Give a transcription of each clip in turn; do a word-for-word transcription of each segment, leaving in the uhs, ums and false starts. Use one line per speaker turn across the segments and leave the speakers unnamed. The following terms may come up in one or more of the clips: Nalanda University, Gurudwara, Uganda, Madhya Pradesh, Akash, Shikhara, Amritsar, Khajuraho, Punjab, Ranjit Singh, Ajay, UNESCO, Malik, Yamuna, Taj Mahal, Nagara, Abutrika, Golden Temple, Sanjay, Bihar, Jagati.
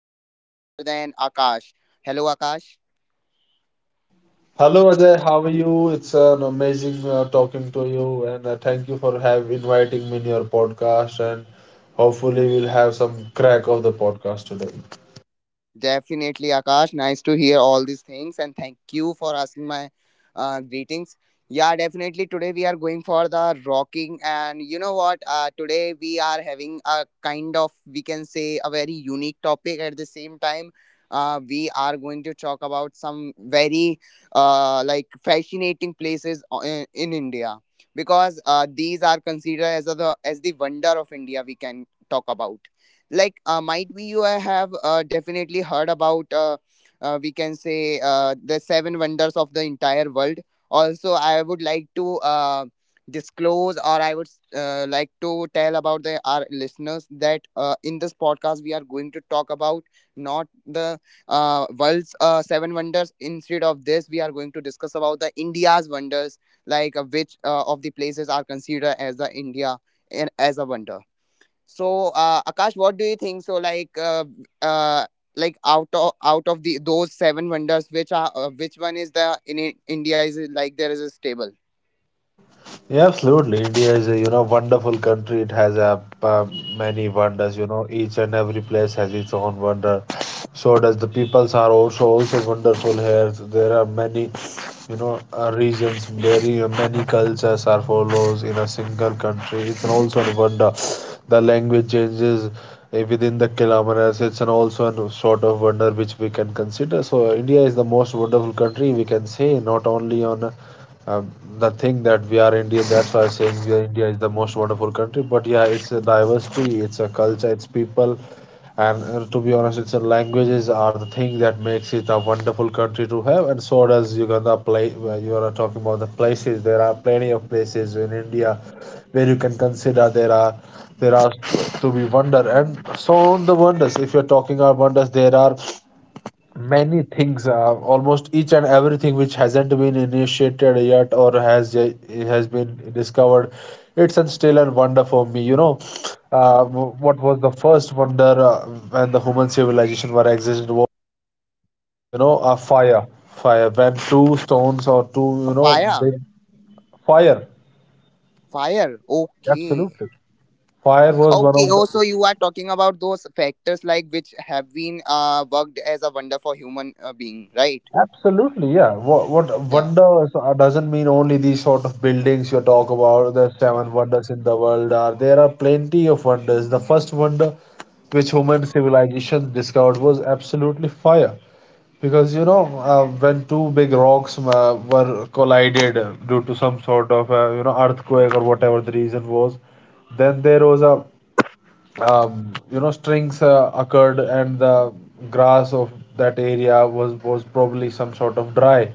co host none other than Akash. Hello, Akash.
Hello Ajay, how are you? It's an amazing uh, talking to you, and uh, thank you for have inviting me in your podcast. And hopefully, we'll have some crack of the podcast today.
Definitely, Akash. Nice to hear all these things, and thank you for asking my uh, greetings. Yeah, definitely. Today we are going for the rocking, and you know what? Uh, today we are having a kind of we can say a very unique topic. At the same time, uh, we are going to talk about some very uh, like fascinating places o- in, in India because uh, these are considered as the as the wonder of India. We can talk about like uh, might be you have uh, definitely heard about uh, uh, we can say uh, the seven wonders of the entire world. Also I would like to uh, disclose, or I would uh, like to tell about the our listeners that uh, in this podcast we are going to talk about not the uh, world's uh, seven wonders. Instead of this, we are going to discuss about the India's wonders, like uh, which uh, of the places are considered as the India and as a wonder. So, uh, Akash, what do you think? So, like, uh, uh, like out of out of the those seven wonders, which are uh, which one is the in I- India? Is it like there is a stable?
Yeah, absolutely. India is a, you know, wonderful country. It has a, uh, many wonders. You know, each and every place has its own wonder. So does the peoples are also also wonderful here. So there are many, you know, uh, regions. Very uh, Many cultures are follows in a single country. It's an also a wonder. The language changes uh, within the kilometers. It's an also a sort of wonder which we can consider. So India is the most wonderful country we can say, not only on. uh, um, the thing that we are Indian. That's why I'm saying we are India is the most wonderful country. But yeah, it's a diversity, it's a culture, it's people, and uh, to be honest, it's a languages are the thing that makes it a wonderful country to have. And so does Uganda. Play uh, you are talking about the places. There are plenty of places in India where you can consider there are there are to be wonder and so on the wonders. If you're talking about wonders, there are. Many things are almost each and everything which hasn't been initiated yet or has uh, has been discovered. It's a still a wonder for me. You know, uh, w- what was the first wonder uh, when the human civilization were existed was uh, you know a fire, fire when two stones or two you
A
know
fire,
big fire.
fire. Okay,
Absolutely, fire was one
okay.
of
Oh,
the
so you are talking about those factors like which have been uh worked as a wonder for human uh, being, right?
absolutely, yeah. What what
Yeah.
wonders uh, doesn't mean only these sort of buildings you talk about. The seven wonders in the world are there are plenty of wonders. The first wonder which human civilization discovered was absolutely fire, because you know uh, when two big rocks uh, were collided due to some sort of uh, you know earthquake or whatever the reason was, then there was a um, you know strings uh, occurred and the grass of that area was was probably some sort of dry,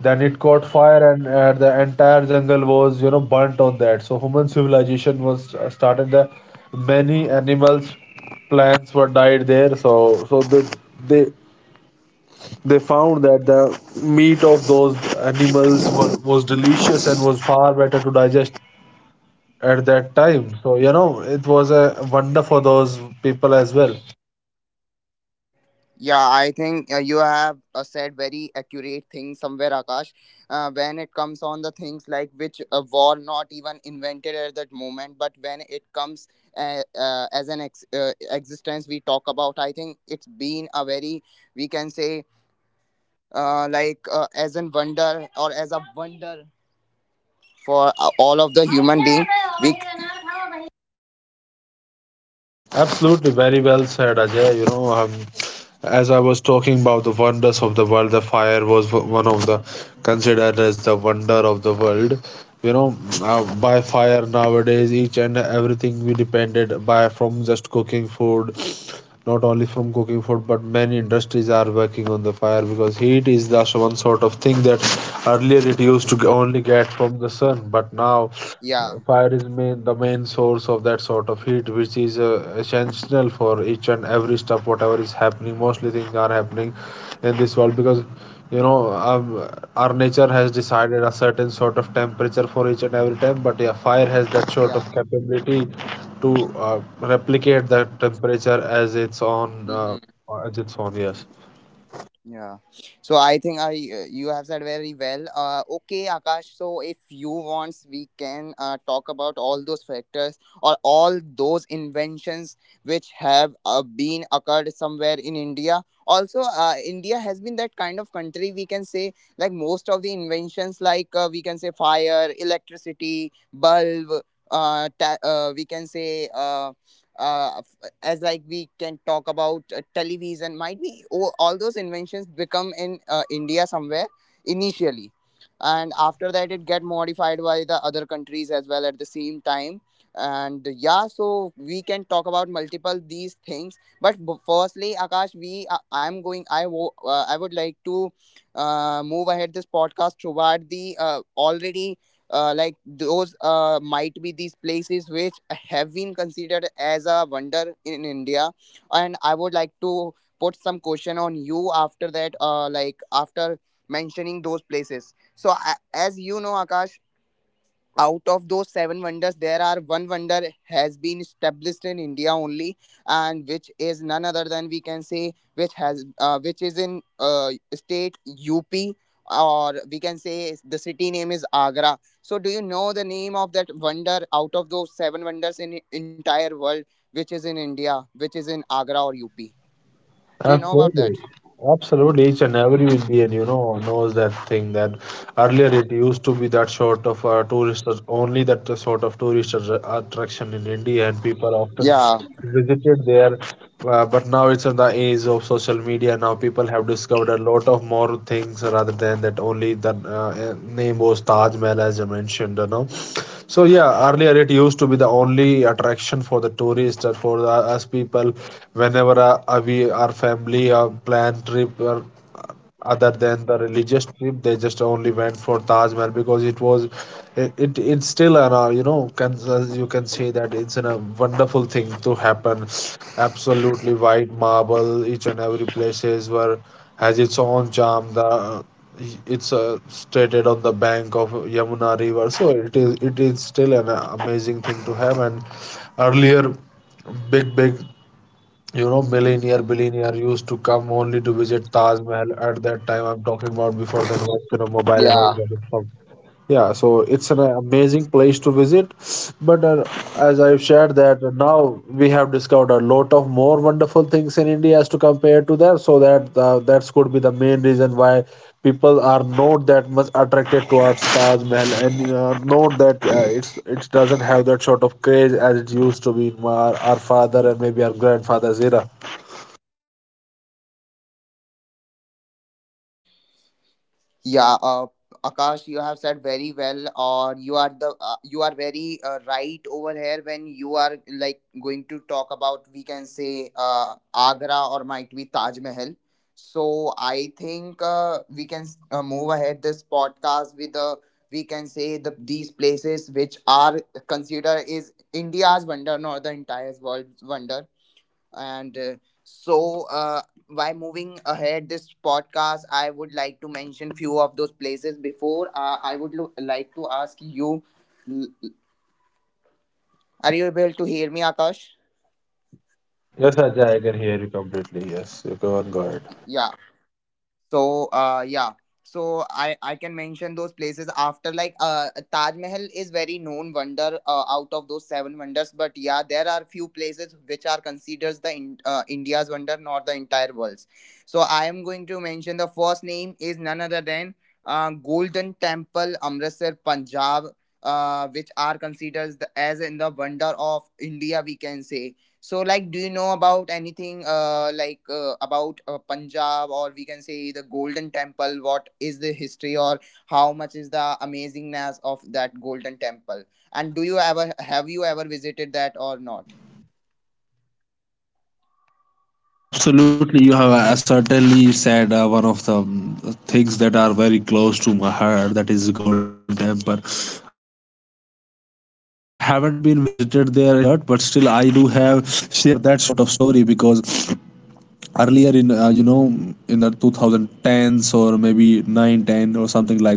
then it caught fire and uh, the entire jungle was you know burnt on that. So human civilization was uh, started there, many animals, plants were died there. So so they they they found that the meat of those animals was, was delicious and was far better to digest at that time. So you know it was a wonder for those people as well.
Yeah, I think uh, you have uh, said very accurate things somewhere, Akash. Uh, when it comes on the things like which uh, were not even invented at that moment, but when it comes uh, uh, as an ex- uh, existence we talk about, I think it's been a very, we can say, uh, like uh, as an wonder or as a wonder for uh, all of the human being. We
Absolutely, very well said, Ajay. You know, um, as I was talking about the wonders of the world, the fire was w- one of the considered as the wonder of the world. You know, uh, by fire nowadays, each and everything we depended by from just cooking food, not only from cooking food, but many industries are working on the fire because heat is the one sort of thing that earlier it used to only get from the sun, but now
yeah,
fire is main, the main source of that sort of heat, which is uh, essential for each and every stuff, whatever is happening. Mostly things are happening in this world because you know um, our nature has decided a certain sort of temperature for each and every time. But yeah, fire has that sort
yeah.
of capability to uh, replicate that temperature as its own, uh,
Mhm.
as its own. Yes.
Yeah. So I think I, uh, you have said very well. Uh, okay, Akash. So if you want, we can uh, talk about all those factors or all those inventions which have uh, been occurred somewhere in India. Also, uh, India has been that kind of country we can say like most of the inventions, like uh, we can say fire, electricity, bulb. Uh, ta- uh, we can say uh, uh, as like we can talk about uh, television, might be. Oh, all those inventions become in uh, India somewhere initially, and after that it get modified by the other countries as well at the same time. And yeah, so we can talk about multiple these things, but b- firstly Akash, we uh, I'm going I wo- uh, I would like to uh, move ahead this podcast toward the uh, already uh, like those uh, might be these places which have been considered as a wonder in India, and I would like to put some question on you after that, uh, like after mentioning those places. So a as you know Akash, out of those seven wonders there are one wonder has been established in India only, and which is none other than we can say which has uh, which is in uh, state UP, or we can say is- the city name is Agra. So do you know the name of that wonder out of those seven wonders in entire world, which is in India, which is in Agra or UP? Do you know about
Absolutely.
that?
Absolutely. Each and every Indian, you know, knows that thing that earlier it used to be that sort of uh, tourist, only that sort of tourist attra- attraction in India, and people often
Yeah,
visited there. Uh, but now it's in the age of social media. Now people have discovered a lot of more things rather than that only that uh, name was Taj Mahal, as I mentioned, you know. So yeah, earlier it used to be the only attraction for the tourists or for the, us people. Whenever uh, uh, we our family uh, plan trip or other than the religious trip they just only went for Taj Mahal because it was it, it it's still an uh, you know can, as you can say that it's an, a wonderful thing to happen. Absolutely white marble, each and every places were has its own charm, the uh, it's uh, stated on the bank of Yamuna river. So it is it is still an uh, amazing thing to have. And earlier, big big you know, millionaire, billionaire used to come only to visit Taj Mahal at that time. I'm talking about before the invention of mobile and all
yeah.
that stuff. Yeah, so it's an amazing place to visit. But uh, as I've shared that now we have discovered a lot of more wonderful things in India as to compare to that. So that uh, that could be the main reason why people are not that much attracted towards Taj Mahal and uh, not that uh, it's it doesn't have that sort of craze as it used to be in our, our father and maybe our grandfather's era.
Yeah, uh, Akash, you have said very well, or you are the uh, you are very uh, right over here when you are like going to talk about we can say uh, Agra or might be Taj Mahal. So I think uh, we can uh, move ahead this podcast with, uh, we can say, the these places which are considered is India's wonder, not the entire world's wonder. And uh, so, uh, by moving ahead this podcast, I would like to mention few of those places. Before, uh, I would lo- like to ask you, are you able to hear me, Akash?
Yes, Ajay, I can hear you completely. Yes, you go on guard.
Yeah, so uh yeah. So I I can mention those places. After like uh Taj Mahal is very known wonder uh, out of those seven wonders, but yeah there are few places which are considered the in, uh, India's wonder, not the entire world's. So I am going to mention the first name is none other than uh, Golden Temple Amritsar Punjab, uh, which are considered the, as in the wonder of India we can say. So, like, do you know about anything uh, like uh, about uh, Punjab, or we can say the Golden Temple? What is the history, or how much is the amazingness of that Golden Temple? And do you ever, have you ever visited that or not?
Yeah, absolutely. You have uh, certainly said uh, one of the um, things that are very close to my heart, that is Golden Temple. I haven't been visited there yet, but still I do have share that sort of story because earlier in uh, you know in the twenty tens or maybe nine ten or something like that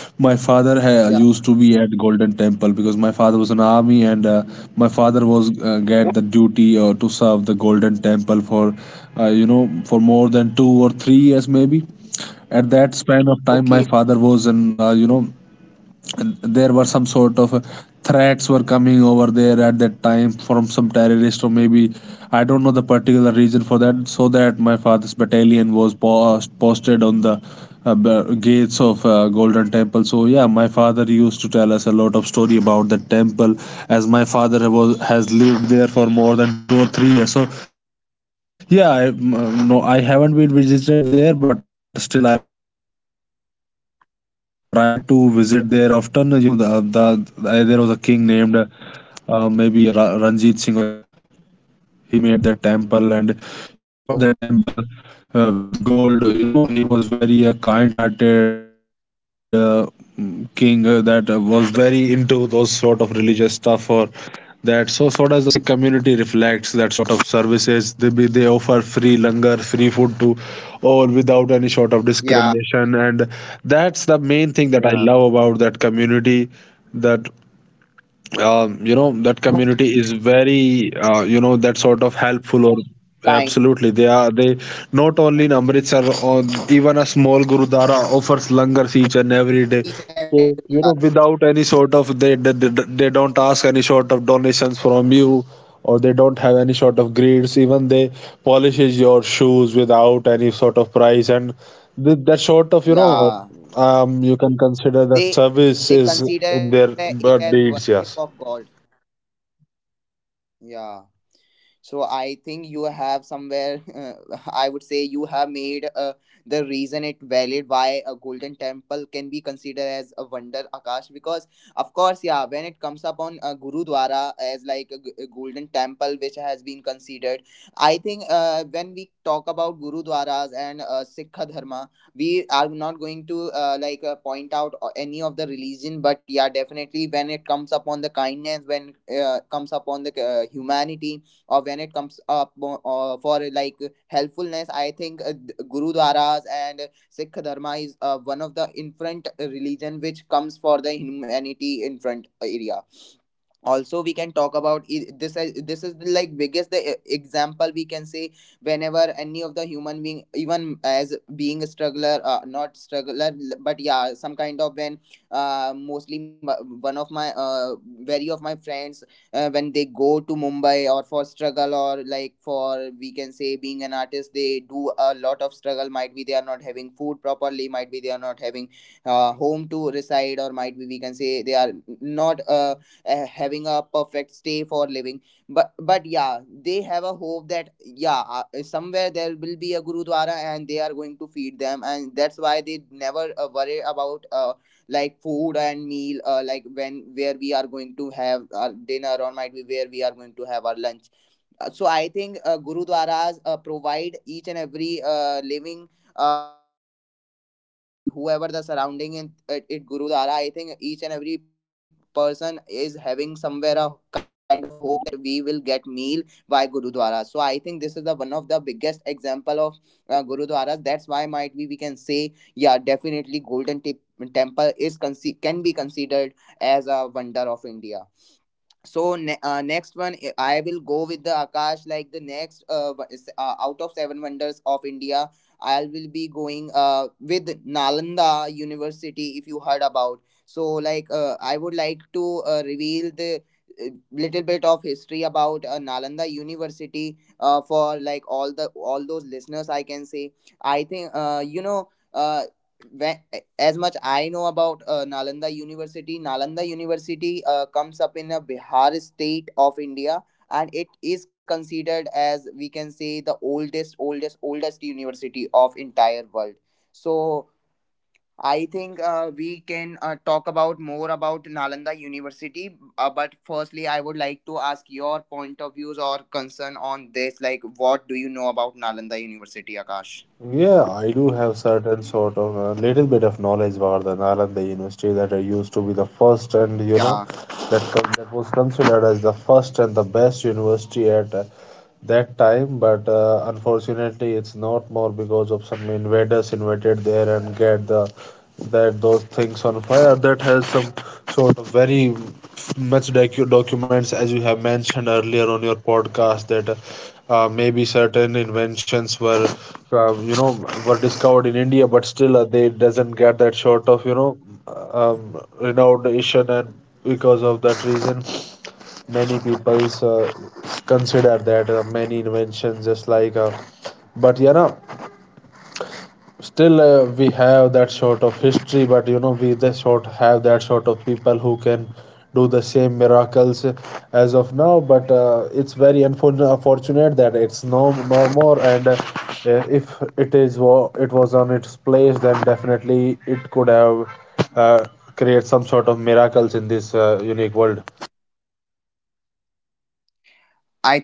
my father ha-
Yeah.
used to be at Golden Temple because my father was an army and uh, my father was uh,
O-
get the duty uh, to serve the Golden Temple for uh, you know for more than two or three years maybe at that span of time
okay.
my father was an uh, you know there were some sort of uh, threats were coming over there at that time from some terrorist or
Mm.
maybe I don't know the particular reason for that, so that my father's battalion was post, posted on the uh, b- gates of uh, Golden Temple. So yeah, my father used to tell us a lot of story about the temple as my father was has lived there for more than two or three years. So yeah, I, mm, no I haven't been visited there but still I will try to visit there often. You know the, the, there was a king
Yeah.
named uh, uh, maybe Ra- Ranjit Singh or something, uh, you know, he made that temple and he covered
Okay.
that temple uh, with gold. You know, he was very uh, kind-hearted, uh, mm, king uh, that uh, was very into those sort of religious stuff or that. So, so does the Sikh community reflects that sort of services. They be, they offer free langar, free food to all without any sort of discrimination,
Yeah.
and that's the main thing that I love
Yeah.
about that community that um,
Yeah.
you know that community is very uh, you know that sort of helpful or
Kind.
absolutely they are they
Yeah.
not only in Amritsar or even a small gurudwara offers langars
Each
each
and
and
every
every day.
Gurudwara.
So you know without any
Yeah.
sort of, they, they they they don't ask any sort of donations from you or they don't have any sort of greeds, even they polishes your shoes without any sort of price. And Th- that sort of, you
Yeah.
know, um, you can
They
consider that
they
service
consider
is
it as
in their
worship
uh,
of God.
deeds, yes.
Yeah. So I think you have somewhere uh, I would say you have made uh, the reason it valid why a Golden Temple can be considered as a wonder, Akash, because of course yeah when it comes upon uh, gurudwara as like a, g- a Golden Temple which has been considered. I think uh, when we talk about gurudwaras and uh, Sikha Dharma, we are not going to uh, like uh, point out o- any of the religion, but yeah definitely when it comes upon the kindness, when uh, comes upon the uh, humanity, or when it comes up o- uh, for uh, like helpfulness, I think uh, th- gurudwaras and Sikh Dharma is uh, one of the in front religion which comes for the humanity in front area. Also we can talk about i- this. As this is like biggest the e- example we can say, whenever any of the human being, even as being a struggler, uh, not struggler l- but yeah some kind of when uh, mostly m- one of my uh, very of my friends, uh, when they go to Mumbai or for struggle, or like for we can say being an artist, they do a lot of struggle, might be they are not having food properly, might be they are not having uh, home to reside, or might be we can say they are not uh, uh, having a perfect stay for living. but but yeah, they have a hope that yeah uh, somewhere there will be a gurudwara and they are going to feed them, and that's why they never uh, worry about uh, like food and meal, uh, like when, where we are going to have our dinner, or might be where we are going to have our lunch. Uh, so I think uh, gurudwaras uh, provide each and every uh, living uh, like surround uh, like whoever the surrounding in it, it gurudwara. I think each and every person is having somewhere a kind of a hope that we will get meal by gurudwara. So I think this is the one of the biggest example of uh, gurudwaras. That's why might be we can say yeah definitely Golden tip Temple is conce- can be considered as a wonder of India. So ne- uh, next one, i I will go with the Akash. Like the next uh, w- is- uh out of seven wonders of India, I will be going uh with Nalanda University, if you heard about. So like uh, I would like to uh, reveal the uh, little bit of history about uh, Nalanda University uh, for like all the all those listeners I can say. I think uh, you know uh, when, as much I know about uh, Nalanda University, Nalanda University uh, comes up in a Bihar state of India, and it is considered as we can say the oldest, oldest, oldest university of entire world. So I think uh, we can uh, talk about more about Nalanda University. Uh, but firstly, I would like to ask your point of views or concern on this. Like, what do you know about Nalanda University, Akash?
Yeah, I do have certain sort of a little bit of knowledge about the Nalanda University, that I used to be the first and you know
Yeah,
that con- that was considered as the first and the best university at uh, that time. But uh, unfortunately, it's not more because of some invaders invaded there and get the that those things on fire. That has some sort of very much docu- documents as you have mentioned earlier on your podcast that. Uh, uh, maybe certain inventions were uh, you know were discovered in India, but still uh, they doesn't get that sort of you know um, renownation, and because of that reason, many people uh, consider that uh, many inventions just like. Uh, but you know, still uh, we have that sort of history but you know we the sort have that sort of people who can do the same miracles as of now but uh, it's very unfor- unfortunate that it's no no more and uh, if it is wa- it was on its place then definitely it could have uh, create some sort of miracles in this uh, unique world.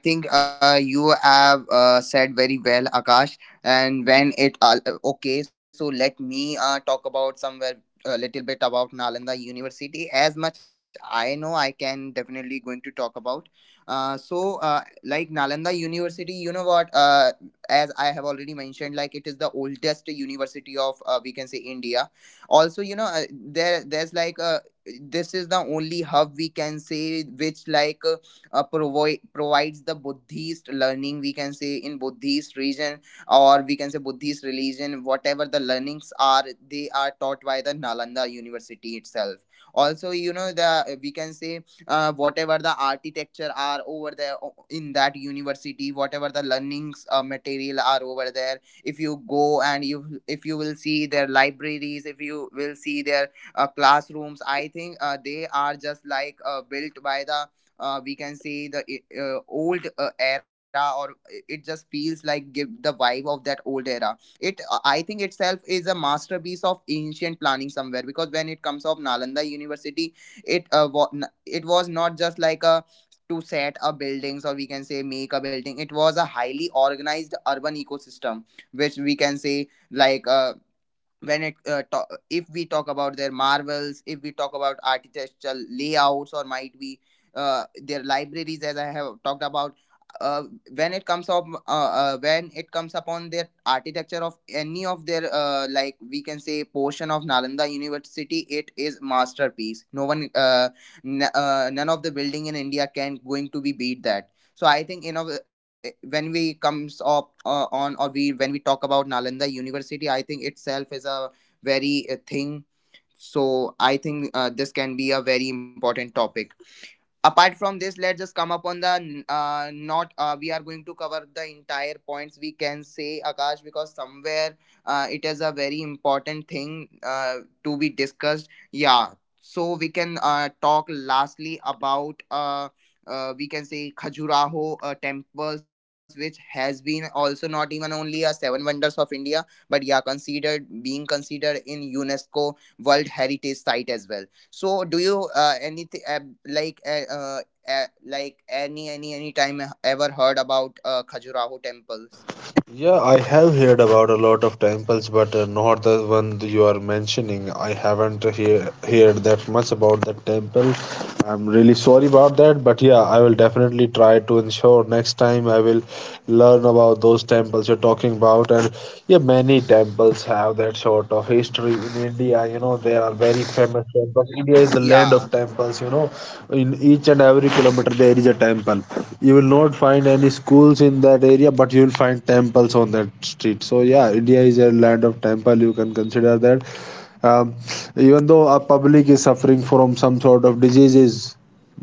I think uh, you have uh, said very well, Akash. And when it uh, okay, so let me uh, talk about somewhere a little bit about Nalanda University. As much I know, I can definitely going to talk about. Uh, so uh, like Nalanda University, you know what? Uh, as I have already mentioned, like it is the oldest university of uh, we can say India. Also, you know uh, there there's like uh, this is the only hub we can say which like uh, uh, provi- provides the Buddhist learning, we can say, in Buddhist region, or we can say Buddhist religion, whatever the learnings are, they are taught by the Nalanda University itself. Also, you know the, we can say, uh, whatever the architecture are over there, o- in that university, whatever the learnings uh, material are over there. If you go and you, if you will see their libraries, if you will see their uh, classrooms, I think uh, they are just like uh, built by the uh, we can say, the uh, old uh, era, or uh, it just feels like give the vibe of that old era. It uh, I think itself is a masterpiece of ancient planning somewhere, because when it comes of Nalanda University, it uh, wa- n- it was not just like a, to set a buildings, or we can say make a building. It was a highly organized urban ecosystem which we can say, like uh, when it uh, ta- if we talk about their marvels, if we talk about architectural layouts, or might be uh, their libraries, as I have talked about. uh, when it comes up uh, uh, when it comes upon their architecture of any of their uh, like we can say portion of Nalanda University, it is masterpiece. No one uh, n- uh, none of the building in India can going to be beat that. So I think, you know when we comes up uh, on, or we, when we talk about Nalanda University, I think itself is a very uh, thing. So I think uh, this can be a very important topic. Apart from this, let's just come up on the uh, not uh, we are going to cover the entire points, we can say, Akash, because somewhere uh, it is a very important thing uh, to be discussed. Yeah. So we can uh, talk lastly about uh, uh, we can say Khajuraho uh, temples, which has been also not even only a seven wonders of India, but yeah, considered, being considered in UNESCO World Heritage Site as well. So do you uh, anything uh, like uh, uh, uh, like any any any time ever heard about uh, Khajuraho temples?
Yeah, I have heard about a lot of temples, but uh, not the one you are mentioning. I haven't hear, heard that much about the temple. I'm really sorry about that, but yeah, I will definitely try to ensure next time I will learn about those temples you're talking about. And yeah, many temples have that sort of history in India. You know, there are very famous temples. India is the land of
Yeah,
temples, you know. In each and every kilometer, there is a temple. You will not find any schools in that area, but you will find temples on that street. So yeah, India is a land of temple. You can consider that. Um, even though our public is suffering from some sort of diseases,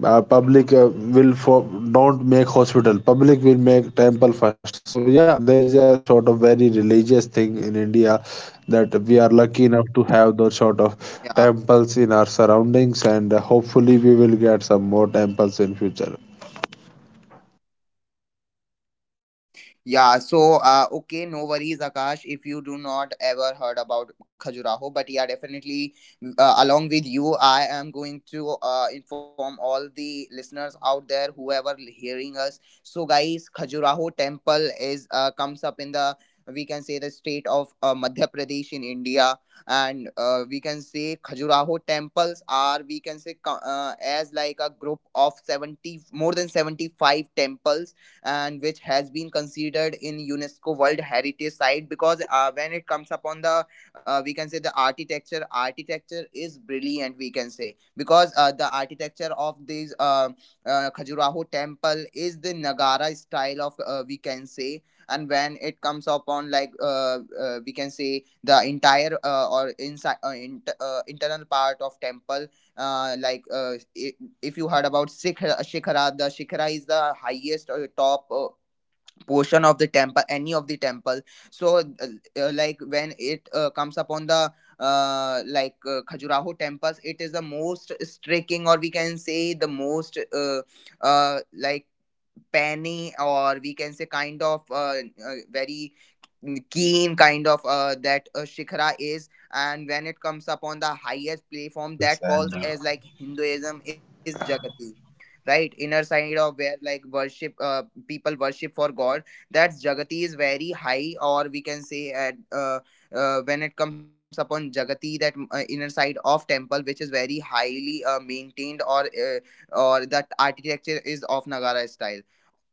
uh, public uh, will for, don't make hospital. Public will make temple first. So yeah, there is a sort of very religious thing in India that we are lucky enough to have those sort of
yeah.
temples in our surroundings, and uh, hopefully we will get some more temples in future.
Yeah, so uh, okay, no worries, Akash. If you do not ever heard about Khajuraho, but yeah, definitely, mm, uh, along with you, I am going to uh, inform all the listeners out there, whoever hearing us. So guys, Khajuraho temple is uh, comes up in the, we can say, the state of uh, Madhya Pradesh in India. And uh, we can say Khajuraho temples are, we can say, co- uh, as like a group of seventy, more than seventy five temples, and which has been considered in UNESCO World Heritage Site, because uh, when it comes upon the uh, we can say, the architecture architecture is brilliant, we can say, because uh, the architecture of this uh, uh, Khajuraho temple is the Nagara style of uh, we can say. And when it comes upon like uh, uh, we can say, the entire uh, or inside uh, int- uh, internal part of temple uh, like uh, i- if you heard about Shikhara. Shikhara, the Shikhara is the highest or top uh, portion of the temple, any of the temple. So uh, uh, like when it uh, comes upon the uh, like uh, Khajuraho temples, it is the most striking, or we can say the most uh, uh, like penny, or we can say kind of uh, uh, very keen kind of uh, that uh, Shikhara is. And when it comes upon the highest platform, that calls as like Hinduism is Jagati, right, inner side of where like worship uh, people worship for God, that's Jagati, is very high, or we can say at uh, uh, when it comes upon Jagati, that uh, inner side of temple, which is very highly uh, maintained, or uh, or that architecture is of Nagara style.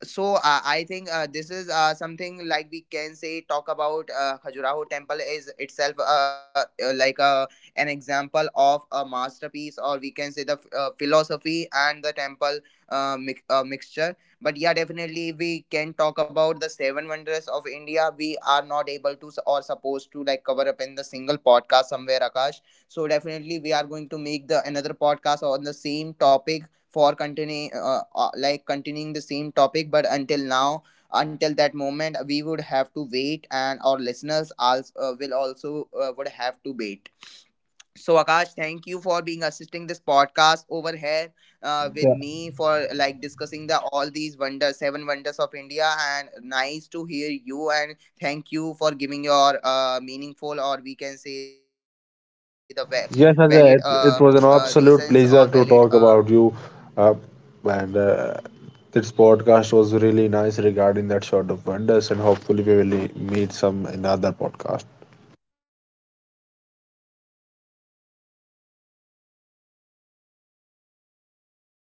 So uh, I think uh, this is uh, something, like we can say, talk about uh, Khajuraho temple is itself uh, uh, like a, an example of a masterpiece, or we can say the uh, philosophy and the temple uh, mi- uh, mixture. But yeah, definitely we can talk about the seven wonders of India. We are not able to s- or supposed to like cover up in the single podcast somewhere, Akash. So definitely we are going to make the another podcast on the same topic, for continuing uh, uh, like continuing the same topic, but until now, until that moment, we would have to wait, and our listeners also uh, will also uh, would have to wait. So Akash, thank you for being assisting this podcast over here uh, with me, for like discussing the all these wonders, seven wonders of India, and nice to hear you, and thank you for giving your uh, meaningful, or we can say the va- valid uh,
Yes,
uh,
Sanjay, it,
reasons,
it
or
was an
valid
absolute
uh,
pleasure to talk about you. Uh, and uh, this podcast was really nice regarding that sort of wonders, and hopefully, we will meet some in other podcast.
yeah, definitely. Okay, listeners, bye bye. Take care, and thank you, Akash. We are going to meet.